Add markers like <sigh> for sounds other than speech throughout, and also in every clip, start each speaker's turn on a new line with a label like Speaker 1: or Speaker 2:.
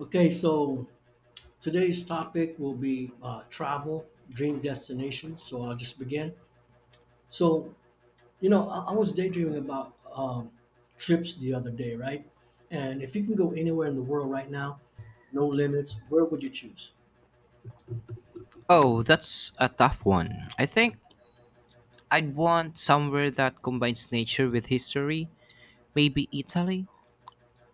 Speaker 1: Okay, so today's topic will be travel, dream destination. So I'll just begin. So, I was daydreaming about trips the other day, right? And if you can go anywhere in the world right now, no limits, where would you choose?
Speaker 2: Oh, that's a tough one. I think I'd want somewhere that combines nature with history. Maybe Italy,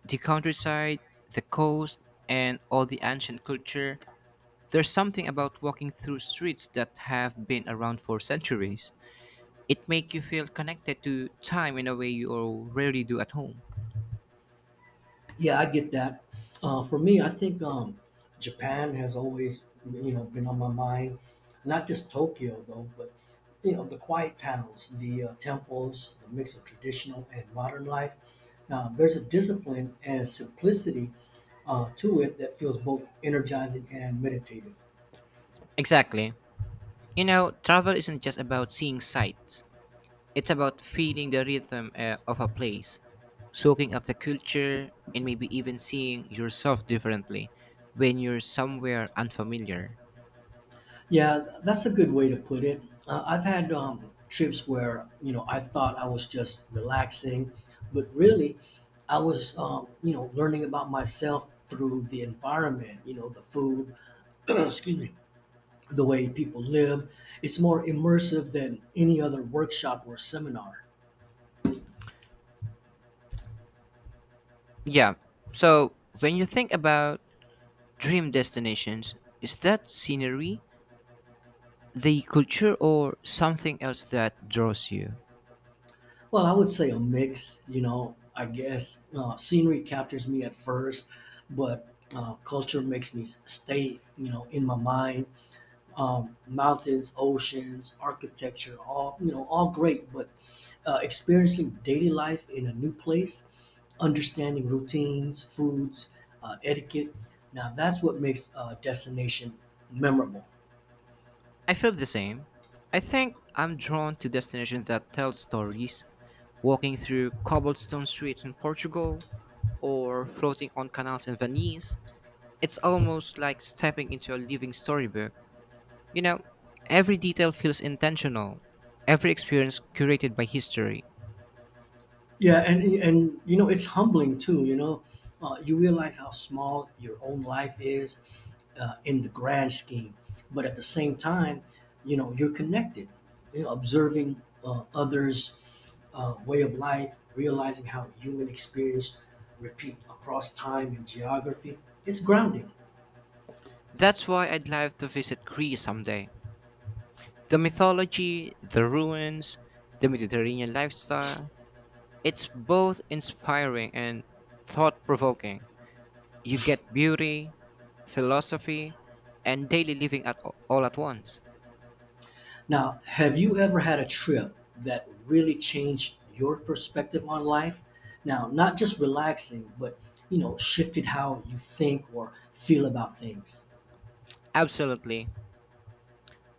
Speaker 2: the countryside, the coast, and all the ancient culture. There's something about walking through streets that have been around for centuries. It makes you feel connected to time in a way you rarely do at home.
Speaker 1: Yeah, I get that. For me, I think Japan has always, you know, been on my mind. Not just Tokyo though, but you know, the quiet towns, the temples, the mix of traditional and modern life. Now, there's a discipline and simplicity to it that feels both energizing and meditative.
Speaker 2: Exactly. You know, travel isn't just about seeing sights. It's about feeling the rhythm of a place, soaking up the culture, and maybe even seeing yourself differently when you're somewhere unfamiliar.
Speaker 1: Yeah, that's a good way to put it. I've had trips where you know I thought I was just relaxing, but really, I was you know learning about myself through the environment. You know, the food. <clears throat> Excuse me. The way people live. It's more immersive than any other workshop or seminar.
Speaker 2: Yeah, so when you think about dream destinations, is that scenery, the culture, or something else that draws you?
Speaker 1: Well, I would say a mix. You know, I guess scenery captures me at first, but culture makes me stay. You know, in my mind mountains, oceans, architecture, all you know, all great. But experiencing daily life in a new place, understanding routines, foods, etiquette. Now that's what makes a destination memorable.
Speaker 2: I feel the same. I think I'm drawn to destinations that tell stories, walking through cobblestone streets in Portugal or floating on canals in Venice. It's almost like stepping into a living storybook. You know, every detail feels intentional, every experience curated by history.
Speaker 1: Yeah, and you know it's humbling too. You know, you realize how small your own life is in the grand scheme, but at the same time, you know you're connected. You know, observing others way of life, realizing how human experience repeat across time and geography. It's grounding.
Speaker 2: That's why I'd love to visit Greece someday. The mythology, the ruins, the Mediterranean lifestyle, it's both inspiring and thought provoking. You get beauty, philosophy, and daily living at all at once.
Speaker 1: Now, have you ever had a trip that really changed your perspective on life? Now, not just relaxing, but you know, shifted how you think or feel about things.
Speaker 2: Absolutely.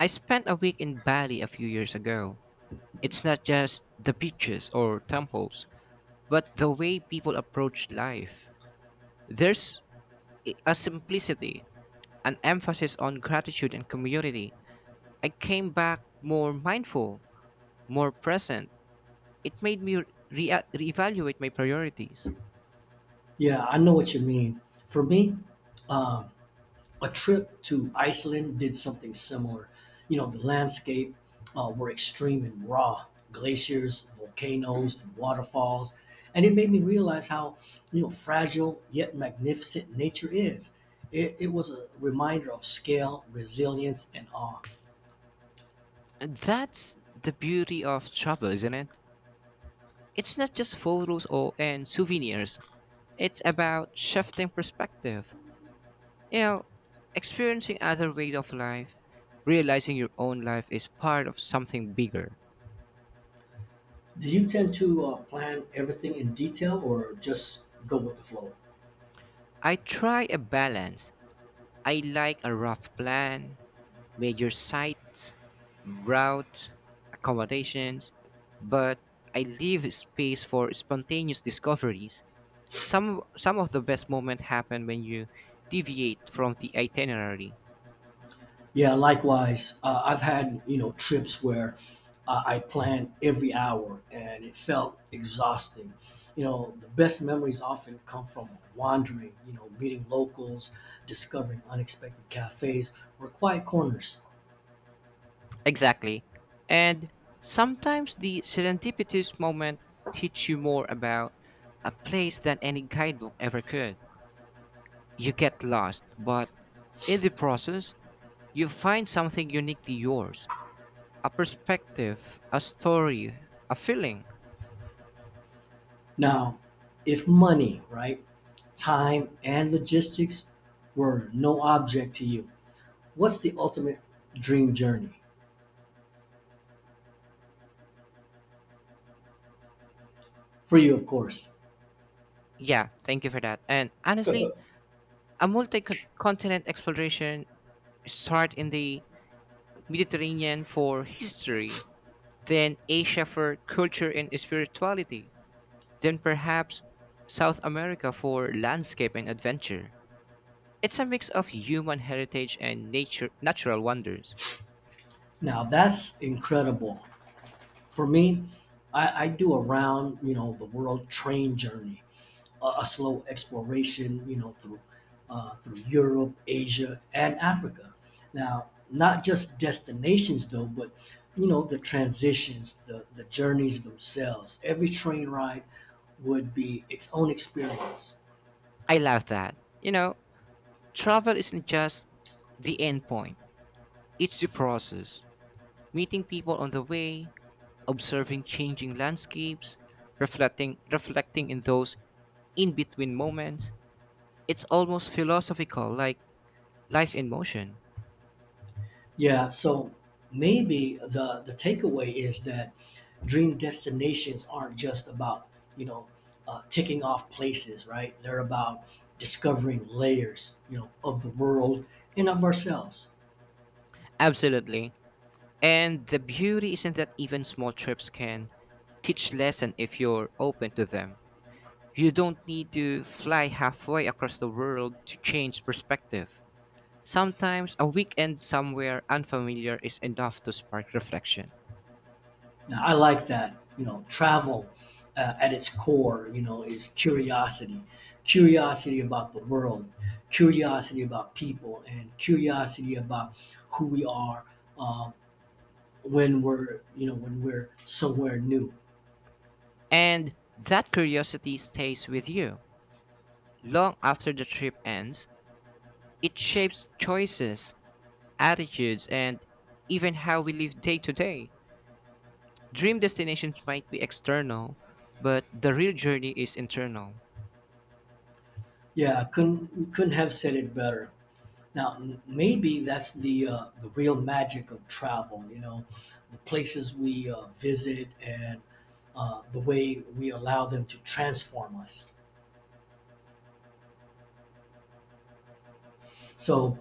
Speaker 2: I spent a week in Bali a few years ago. It's not just the beaches or temples, but the way people approach life. There's a simplicity, an emphasis on gratitude and community. I came back more mindful, more present. It made me reevaluate my priorities.
Speaker 1: Yeah, I know what you mean. For me, um, a trip to Iceland did something similar. You know, the landscape were extreme and raw glaciers, volcanoes, and waterfalls. And it made me realize how, you know, fragile yet magnificent nature is. It was a reminder of scale, resilience, and awe.
Speaker 2: And that's the beauty of travel, isn't it? It's not just photos or and souvenirs. It's about shifting perspective. You know, experiencing other ways of life, realizing your own life is part of something bigger.
Speaker 1: Do you tend to plan everything in detail or just go with the flow?
Speaker 2: I try a balance. I like a rough plan, major sites, route, accommodations, but I leave space for spontaneous discoveries. Some of the best moments happen when you deviate from the itinerary.
Speaker 1: Yeah, likewise. I've had, you know, trips where I planned every hour, and it felt exhausting. You know, the best memories often come from wandering, you know, meeting locals, discovering unexpected cafes or quiet corners.
Speaker 2: Exactly. And sometimes the serendipitous moment teach you more about a place than any guidebook ever could. You get lost, but in the process, you find something uniquely yours, a perspective, a story, a feeling.
Speaker 1: Now, if money, right, time, and logistics were no object to you, what's the ultimate dream journey? For you, of course.
Speaker 2: Yeah, thank you for that. And honestly, a multi continent exploration, start in the Mediterranean for history, then Asia for culture and spirituality, then perhaps South America for landscape and adventure. It's a mix of human heritage and nature natural wonders.
Speaker 1: Now, that's incredible. For me, I do a round, you know, the world train journey a slow exploration, you know, through Europe, Asia, and Africa. Now, not just destinations though, but you know, the transitions, the journeys themselves. Every train ride would be its own experience.
Speaker 2: I love that. You know, travel isn't just the end point. It's the process. Meeting people on the way, observing changing landscapes, reflecting in those in-between moments. It's almost philosophical, like life in motion.
Speaker 1: Yeah, so maybe the takeaway is that dream destinations aren't just about you know ticking off places, right? They're about discovering layers, you know, of the world and of ourselves.
Speaker 2: Absolutely. And the beauty isn't that even small trips can teach lesson if you're open to them. You don't need to fly halfway across the world to change perspective. Sometimes a weekend somewhere unfamiliar is enough to spark reflection.
Speaker 1: Now, I like that. You know, travel at its core, you know, is curiosity, curiosity about the world, curiosity about people, and curiosity about who we are uh, when we're, you know, when we're somewhere new.
Speaker 2: And that curiosity stays with you. Long after the trip ends, it shapes choices, attitudes, and even how we live day to day. Dream destinations might be external, but the real journey is internal.
Speaker 1: Yeah, couldn't have said it better. Now, maybe that's the real magic of travel. You know, the places we visit and the way we allow them to transform us. So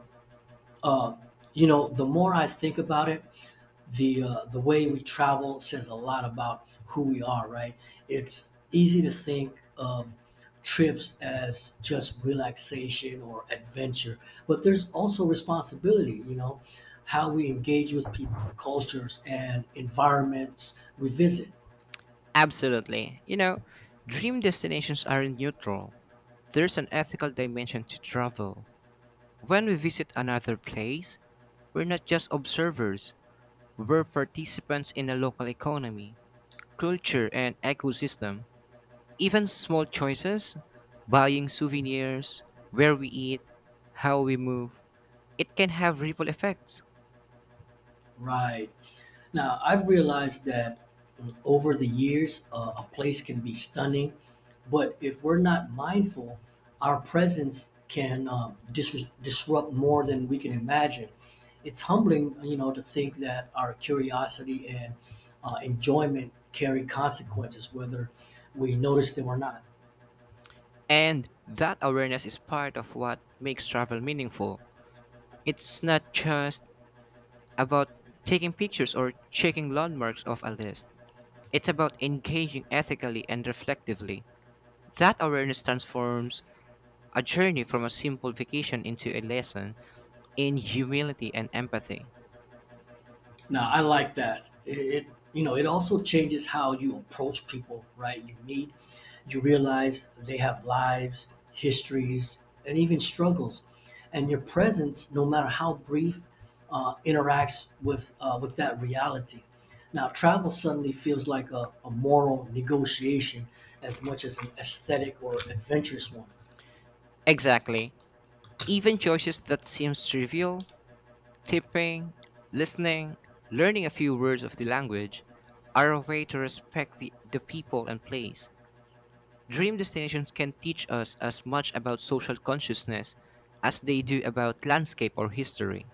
Speaker 1: Uh, you know, the more I think about it, the way we travel says a lot about who we are, right? It's easy to think of trips as just relaxation or adventure, but there's also responsibility. You know, how we engage with people, cultures, and environments we visit,
Speaker 2: Absolutely. You know, dream destinations are neutral. There's an ethical dimension to travel. When we visit another place, we're not just observers, we're participants in a local economy, culture, and ecosystem. Even small choices, buying souvenirs, where we eat, how we move, it can have ripple effects.
Speaker 1: right? Now, I've realized that over the years, a place can be stunning, but if we're not mindful, our presence can disrupt more than we can imagine. It's humbling, you know, to think that our curiosity and enjoyment carry consequences, whether we notice them or not.
Speaker 2: And that awareness is part of what makes travel meaningful. It's not just about taking pictures or checking landmarks off a list, it's about engaging ethically and reflectively. That awareness transforms a journey from a simple vacation into a lesson in humility and empathy.
Speaker 1: Now, I like that. It you know, it also changes how you approach people, right? You meet you realize they have lives, histories, and even struggles. And your presence, no matter how brief, interacts with that reality. Now, travel suddenly feels like a moral negotiation as much as an aesthetic or adventurous one.
Speaker 2: Exactly. Even choices that seem trivial, tipping, listening, learning a few words of the language, are a way to respect the people and place. Dream destinations can teach us as much about social consciousness as they do about landscape or history.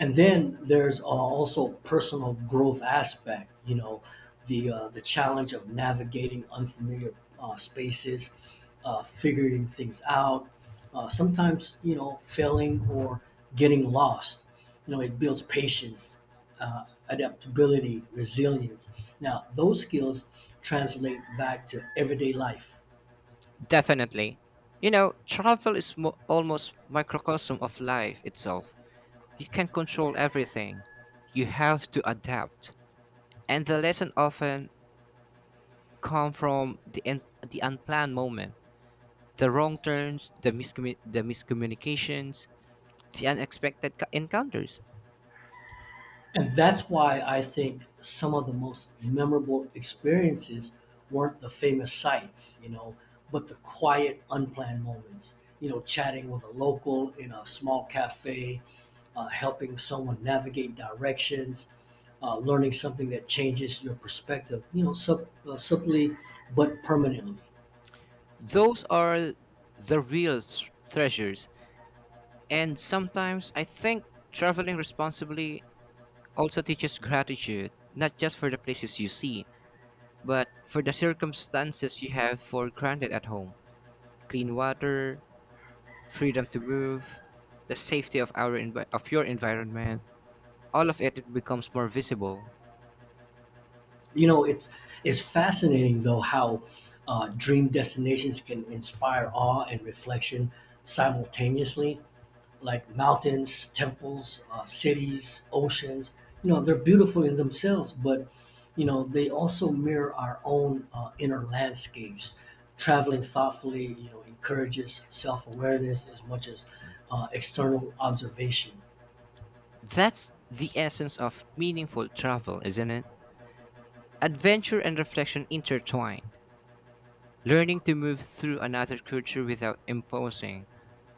Speaker 1: And then there's also personal growth aspect you know the challenge of navigating unfamiliar spaces, figuring things out, sometimes you know failing or getting lost. You know it builds patience, adaptability, resilience. Now those skills translate back to everyday life.
Speaker 2: Definitely. You know, travel is almost microcosm of life itself. You can control everything. You have to adapt. And the lesson often come from the unplanned moment, the wrong turns, the miscommunications, the unexpected encounters.
Speaker 1: And that's why I think some of the most memorable experiences weren't the famous sights, you know, but the quiet, unplanned moments. You know, chatting with a local in a small cafe, helping someone navigate directions, learning something that changes your perspective. You know, subtly but permanently.
Speaker 2: Those are the real treasures. And sometimes I think traveling responsibly also teaches gratitude, not just for the places you see, but for the circumstances you have for granted at home. Clean water, freedom to move, the safety of your environment, all of it becomes more visible.
Speaker 1: You know, it's fascinating though how dream destinations can inspire awe and reflection simultaneously, like mountains, temples, cities, oceans. You know, they're beautiful in themselves, but you know, they also mirror our own inner landscapes. Traveling thoughtfully, you know, encourages self-awareness as much as external observation.
Speaker 2: That's the essence of meaningful travel, isn't it? Adventure and reflection intertwined. Learning to move through another culture without imposing,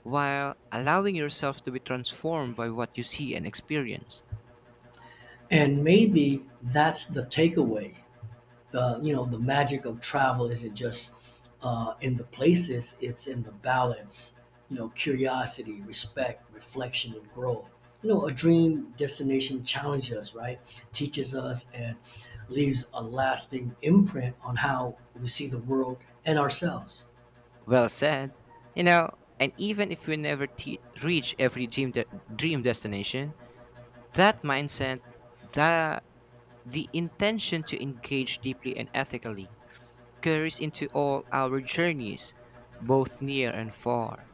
Speaker 2: while allowing yourself to be transformed by what you see and experience.
Speaker 1: And maybe that's the takeaway. The You know, the magic of travel isn't just in the places; it's in the balance. You know, curiosity, respect, reflection, and growth. You know, a dream destination challenges us, right? Teaches us and leaves a lasting imprint on how we see the world and ourselves.
Speaker 2: Well said. You know, and even if we never reach every dream destination, that mindset, the, the intention to engage deeply and ethically, carries into all our journeys, both near and far.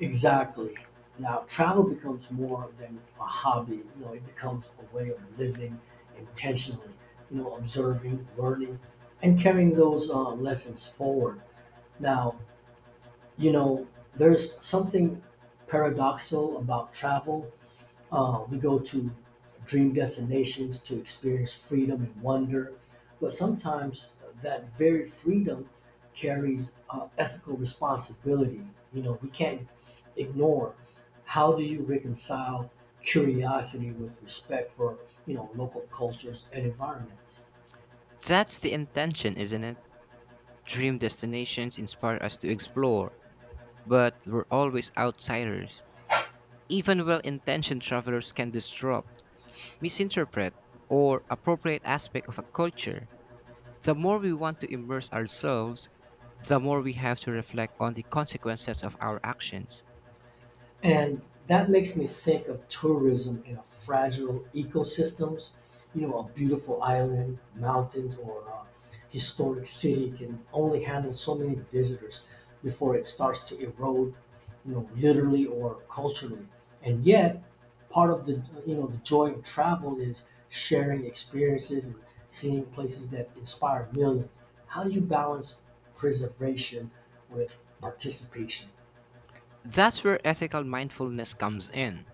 Speaker 1: Exactly. Now, travel becomes more than a hobby. You know, it becomes a way of living intentionally, you know, observing, learning, and carrying those lessons forward. Now, you know, there's something paradoxical about travel. We go to dream destinations to experience freedom and wonder, but sometimes that very freedom carries ethical responsibility. You know, we can't ignore. How do you reconcile curiosity with respect for you know local cultures and environments?
Speaker 2: That's the intention, isn't it? Dream destinations inspire us to explore, but we're always outsiders. Even well intentioned travelers can disrupt, misinterpret, or appropriate aspect of a culture. The more we want to immerse ourselves, the more we have to reflect on the consequences of our actions.
Speaker 1: And that makes me think of tourism in a fragile ecosystems. You know, a beautiful island, mountains, or a historic city can only handle so many visitors before it starts to erode, you know, literally or culturally. And yet, part of the you know the joy of travel is sharing experiences and seeing places that inspire millions. How do you balance preservation with participation?
Speaker 2: That's where ethical mindfulness comes in.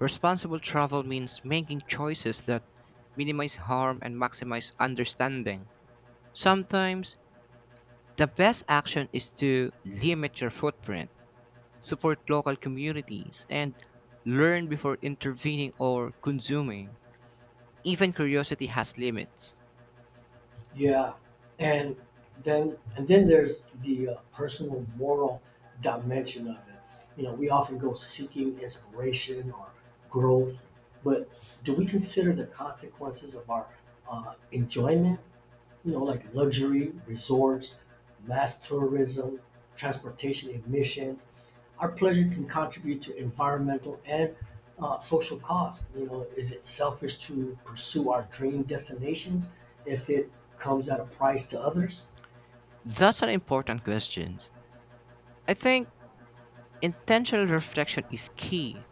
Speaker 2: Responsible travel means making choices that minimize harm and maximize understanding. Sometimes, the best action is to limit your footprint, support local communities, and learn before intervening or consuming. Even curiosity has limits.
Speaker 1: Yeah, and and then there's the personal moral dimension of it. You know, we often go seeking inspiration or growth, but do we consider the consequences of our enjoyment, you know, like luxury resorts, mass tourism, transportation emissions. Our pleasure can contribute to environmental and social costs. You know, is it selfish to pursue our dream destinations if it comes at a price to others?
Speaker 2: That's an important question. I think intentional reflection is key.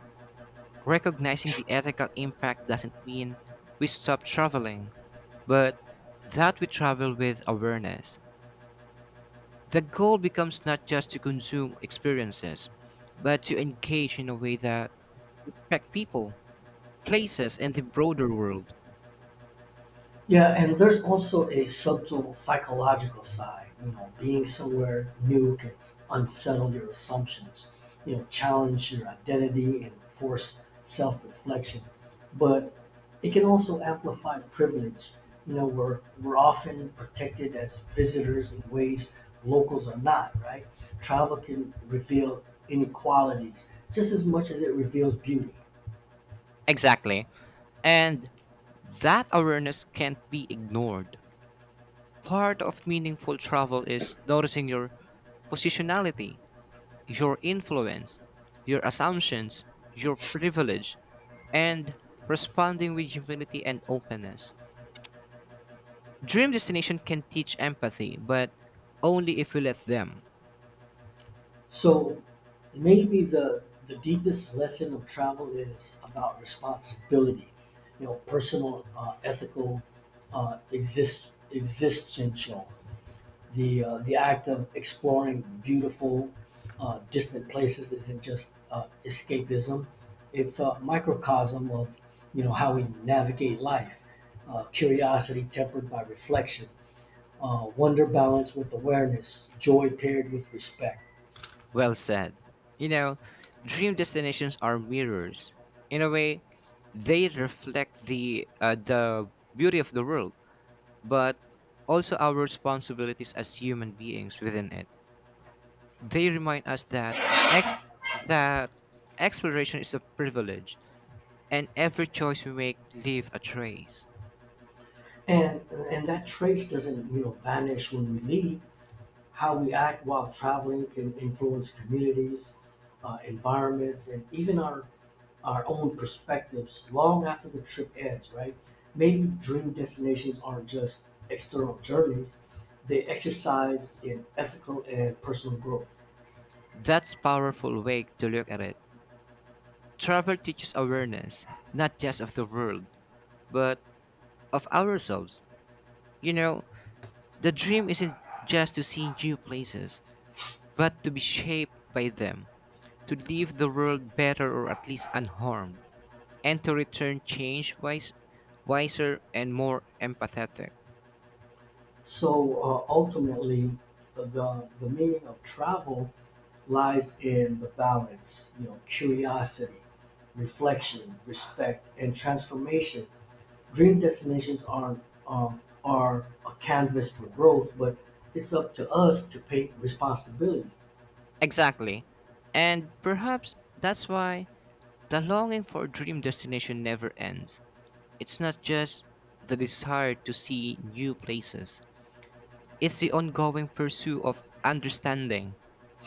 Speaker 2: Recognizing the ethical impact doesn't mean we stop traveling, but that we travel with awareness. The goal becomes not just to consume experiences, but to engage in a way that respect people, places, and the broader world.
Speaker 1: Yeah, and there's also a subtle psychological side. You know, being somewhere new can unsettle your assumptions, you know, challenge your identity and force self reflection. But it can also amplify privilege. You know, we're often protected as visitors in ways locals are not, right? Travel can reveal inequalities just as much as it reveals beauty.
Speaker 2: Exactly. And that awareness can't be ignored. Part of meaningful travel is noticing your positionality, your influence, your assumptions, your privilege, and responding with humility and openness. Dream destination can teach empathy, but only if we let them.
Speaker 1: So maybe the deepest lesson of travel is about responsibility, you know, personal, ethical, existential. The act of exploring beautiful distant places isn't just escapism. It's a microcosm of you know how we navigate life, curiosity tempered by reflection, wonder balanced with awareness, joy paired with respect.
Speaker 2: Well said. You know, dream destinations are mirrors. In a way, they reflect the beauty of the world, but also our responsibilities as human beings within it. They remind us that ex- that exploration is a privilege, and every choice we make leave a trace.
Speaker 1: and and that trace doesn't you know vanish when we leave. How we act while traveling can influence communities, environments, and even our own perspectives long after the trip ends, right? Maybe dream destinations aren't just external journeys, they exercise in ethical and personal growth.
Speaker 2: That's powerful way to look at it. Travel teaches awareness, not just of the world, but of ourselves. You know, the dream isn't just to see new places, but to be shaped by them, to leave the world better or at least unharmed, and to return changed, wiser, and more empathetic.
Speaker 1: So ultimately, the meaning of travel lies in the balance, you know, curiosity, reflection, respect, and transformation. Dream destinations aren't, are a canvas for growth, but it's up to us to take responsibility.
Speaker 2: Exactly. And perhaps that's why the longing for a dream destination never ends. It's not just the desire to see new places. It's the ongoing pursuit of understanding,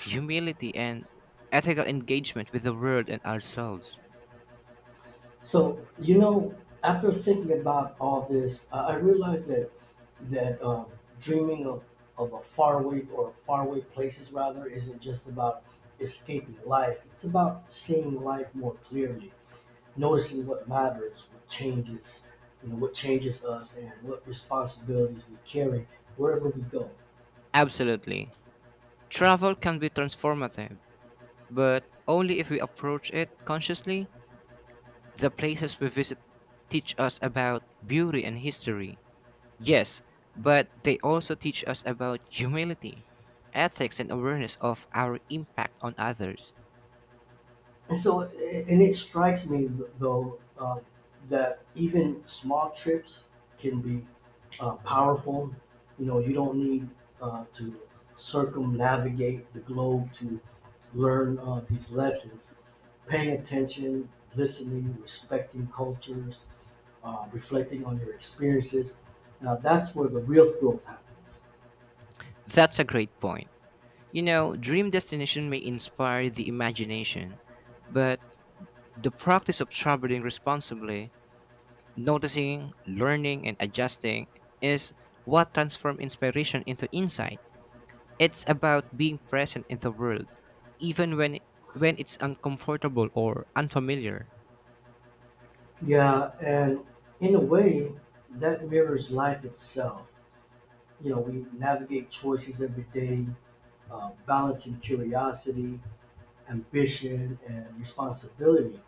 Speaker 2: humility, and ethical engagement with the world and ourselves.
Speaker 1: So you know, after thinking about all this, I realized that that uh, dreaming of a faraway or faraway places rather isn't just about escaping life. It's about seeing life more clearly, noticing what matters, what changes, you know, what changes us, and what responsibilities we carry wherever we go.
Speaker 2: Absolutely. Travel can be transformative, but only if we approach it consciously. The places we visit teach us about beauty and history. Yes, but they also teach us about humility, ethics, and awareness of our impact on others.
Speaker 1: And so, and it strikes me though that even small trips can be powerful. You know, you don't need to circumnavigate the globe to learn these lessons. Paying attention, listening, respecting cultures, reflecting on your experiences. Now, that's where the real growth happens.
Speaker 2: That's a great point. You know, dream destination may inspire the imagination, but the practice of traveling responsibly, noticing, learning, and adjusting, is what transforms inspiration into insight. It's about being present in the world, even when it's uncomfortable or unfamiliar.
Speaker 1: Yeah, and in a way, that mirrors life itself. You know, we navigate choices every day, balancing curiosity, ambition, and responsibility.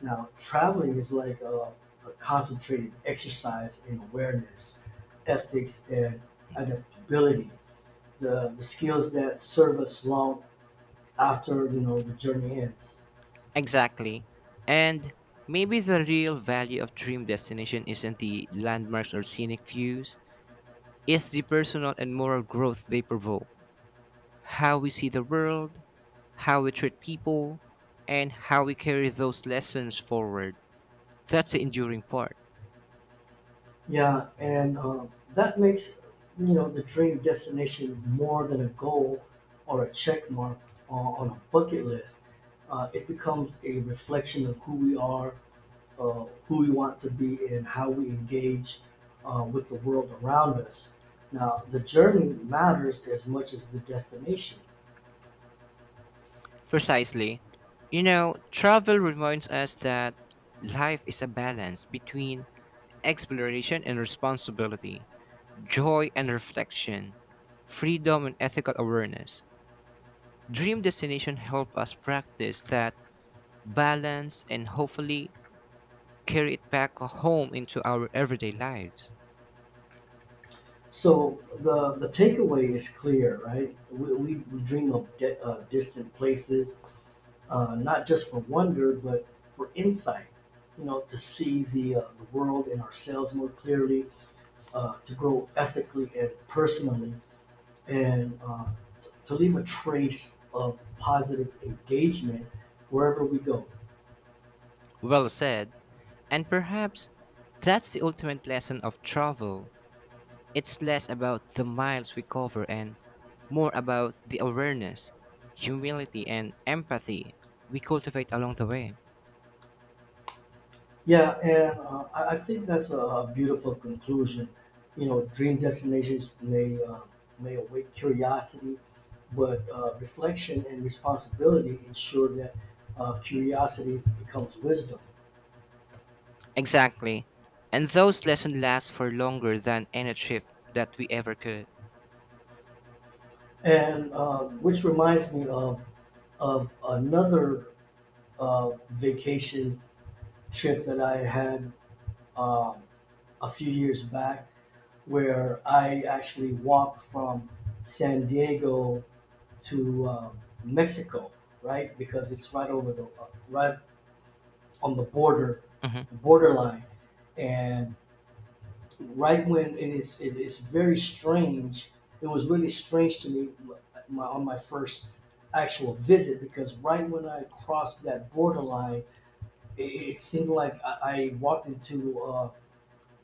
Speaker 1: Now, traveling is like a concentrated exercise in awareness, ethics, and adaptability, the skills that serve us long after, you know, the journey ends.
Speaker 2: Exactly. And maybe the real value of dream destination isn't the landmarks or scenic views, it's the personal and moral growth they provoke. How we see the world, how we treat people, and how we carry those lessons forward. That's the enduring part.
Speaker 1: Yeah, and that makes the dream destination more than a goal or a check mark on a bucket list. It becomes a reflection of who we are, who we want to be, and how we engage with the world around us. Now, the journey matters as much as the destination.
Speaker 2: Precisely. You know, travel reminds us that life is a balance between exploration and responsibility, joy and reflection, freedom and ethical awareness. Dream destination help us practice that balance, and hopefully carry it back home into our everyday lives.
Speaker 1: So the takeaway is clear, right? We dream of distant places not just for wonder, but for insight, you know, to see the world and ourselves more clearly, to grow ethically and personally, and to leave a trace of positive engagement wherever we go.
Speaker 2: Well said. And perhaps that's the ultimate lesson of travel. It's less about the miles we cover and more about the awareness, humility, and empathy we cultivate along the way.
Speaker 1: Yeah, and I think that's a beautiful conclusion. You know, dream destinations may awake curiosity, but reflection and responsibility ensure that curiosity becomes wisdom.
Speaker 2: Exactly. And those lessons last for longer than any trip that we ever could.
Speaker 1: And Which reminds me of another vacation trip that I had, um, a few years back, where I actually walked from San Diego to Mexico, right? Because it's right over the right on the border,
Speaker 2: Hmm.
Speaker 1: the borderline. And right when and it's, it's very strange. It was really strange to me, on my first actual visit, because right when I crossed that borderline, it seemed like I walked into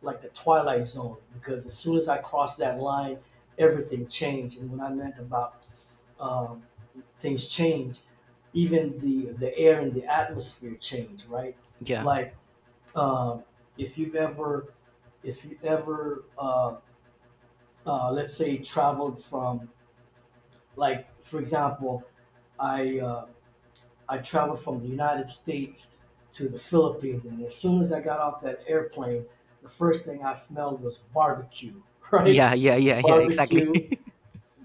Speaker 1: like the twilight zone, because as soon as I crossed that line, everything changed. And when I meant about, um, things change, even the air and the atmosphere change, right?
Speaker 2: Yeah.
Speaker 1: Like, um, if you've ever, if you ever let's say traveled from, like for example, i uh, I traveled from the United States to the Philippines, and as soon as I got off that airplane, the first thing I smelled was barbecue <laughs>
Speaker 2: Yeah,
Speaker 1: right.
Speaker 2: yeah, yeah, yeah, exactly.
Speaker 1: Barbecue,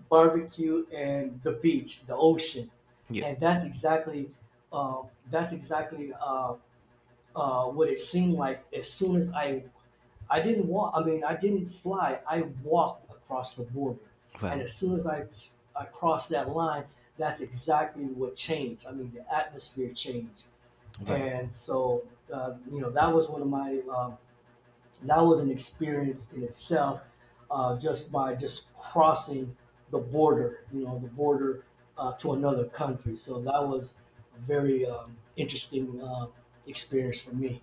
Speaker 1: barbecue, and the beach, the ocean.
Speaker 2: <laughs> Yeah.
Speaker 1: And that's exactly, uh, that's exactly, what it seemed like. As soon as I didn't walk. I mean, I didn't fly. I walked across the border, and
Speaker 2: Wow.
Speaker 1: as soon as I crossed that line, that's exactly what changed. I mean, the atmosphere changed.
Speaker 2: Wow.
Speaker 1: And so, you know, that was one of my, that was an experience in itself, just by just crossing the border. You know, the border to another country. So that was a very, interesting, experience for me.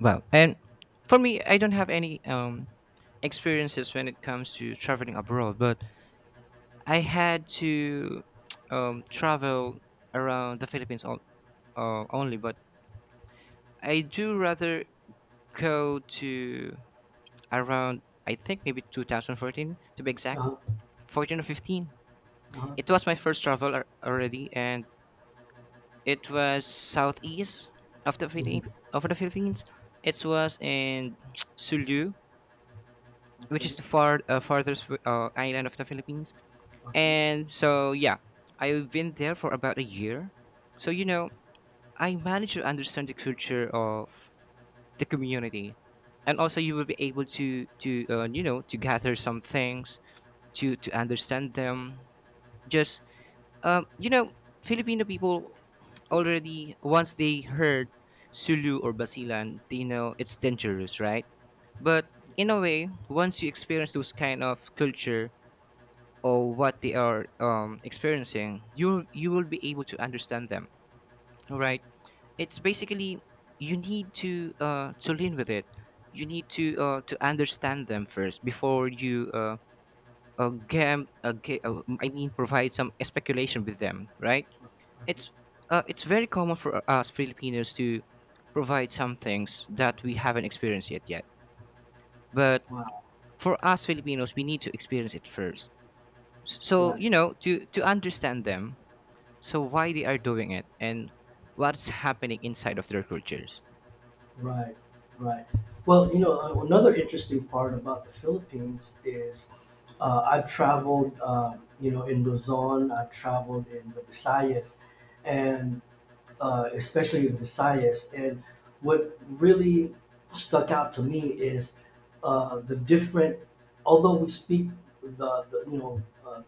Speaker 2: Wow. And for me, I don't have any experiences when it comes to traveling abroad, but I had to travel around the Philippines all, only, but I do rather go to around, I think maybe 2014 to be exact,
Speaker 1: Uh-huh,
Speaker 2: 14 or 15.
Speaker 1: uh-huh.
Speaker 2: It was my first travel already, and it was southeast of
Speaker 1: Mhm.
Speaker 2: the Philippines. It was in <tsk> Sulu, which
Speaker 1: Okay.
Speaker 2: is the farthest island of the Philippines.
Speaker 1: All right.
Speaker 2: And so, yeah, I've been there for about a year. So, you know, I managed to understand the culture of the community, and also you will be able to to gather some things to understand them. Just um, you know, Filipino people already once they heard Sulu or Basilan, they know it's dangerous, right? But in a way, once you experience those kind of culture or what they are experiencing, you will be able to understand them. Right, it's basically you need to lean with it. You need to understand them first before you I mean provide some speculation with them, right?
Speaker 1: All right.
Speaker 2: It's it's very common for us Filipinos to provide some things that we haven't experienced yet. But
Speaker 1: Wow,
Speaker 2: for us Filipinos, we need to experience it first. So
Speaker 1: right,
Speaker 2: you know to understand them, so why they are doing it and what's happening inside of their cultures.
Speaker 1: right, right. Well, you know, another interesting part about the Philippines is, I've traveled, you know, in Luzon, I've traveled in the Visayas, and especially the Visayas. And what really stuck out to me is, the different, although we speak the, you know,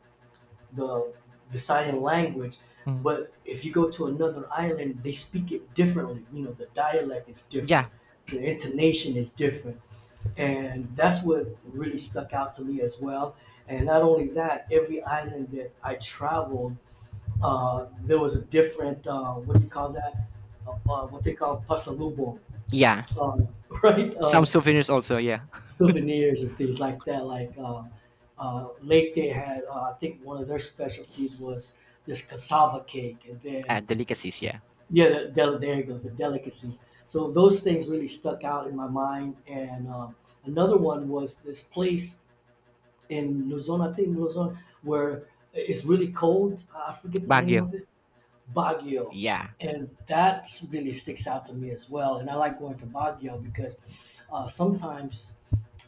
Speaker 1: the the sign language.
Speaker 2: Mm.
Speaker 1: But if you go to another island, they speak it differently. You know, the dialect is different,
Speaker 2: Yeah.
Speaker 1: the intonation is different, and that's what really stuck out to me as well. And not only that, every island that I traveled, there was a different, what do you call that? What they call pasalubong,
Speaker 2: Yeah.
Speaker 1: um, <laughs> right?
Speaker 2: Some souvenirs also, yeah.
Speaker 1: Souvenirs and things like that. Like Lake Day had, I think one of their specialties was this cassava cake, and then
Speaker 2: Delicacies, yeah.
Speaker 1: yeah, there you go, the delicacies. So those things really stuck out in my mind. And, another one was this place in Luzon, I think Luzon, where it's really cold. I forget the name
Speaker 2: Baguio.
Speaker 1: of it. Baguio.
Speaker 2: Yeah.
Speaker 1: And that really sticks out to me as well. And I like going to Baguio because, sometimes,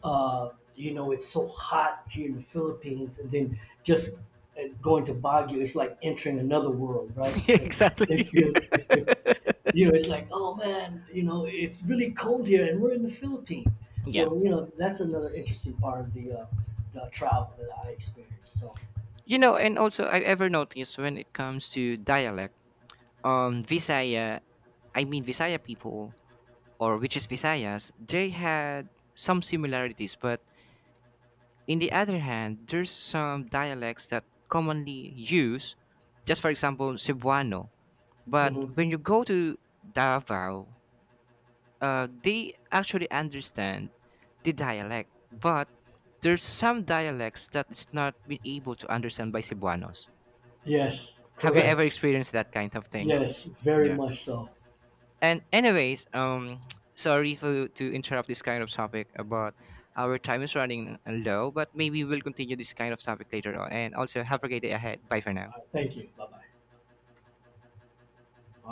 Speaker 1: uh, you know, it's so hot here in the Philippines, and then just, going to Baguio, it's like entering another world, right?
Speaker 2: <laughs>
Speaker 1: Because
Speaker 2: exactly.
Speaker 1: if you, if
Speaker 2: <laughs>
Speaker 1: you know, it's like, oh man, you know, it's really cold here, and we're in the Philippines.
Speaker 2: yeah.
Speaker 1: So you know, that's another interesting part of the travel that I experienced. So,
Speaker 2: You know, and also I've ever noticed when it comes to dialect, Visaya, I mean Visaya people or which is Visayas, they had some similarities, but in the other hand, there's some dialects that commonly use, just for example, Cebuano. But
Speaker 1: mhm.
Speaker 2: when you go to Davao, they actually understand the dialect, but there's some dialects that is not been able to understand by Cebuanos.
Speaker 1: Yes,
Speaker 2: Have you ever
Speaker 1: correct.
Speaker 2: experienced that kind of things?
Speaker 1: Yes, very
Speaker 2: Yeah.
Speaker 1: much so.
Speaker 2: And anyways, <tsk> sorry for to interrupt this kind of topic, but our time is running low, but maybe we'll continue this kind of topic later on. And also, have a great day ahead. Bye for now.
Speaker 1: Thank you. Bye bye. All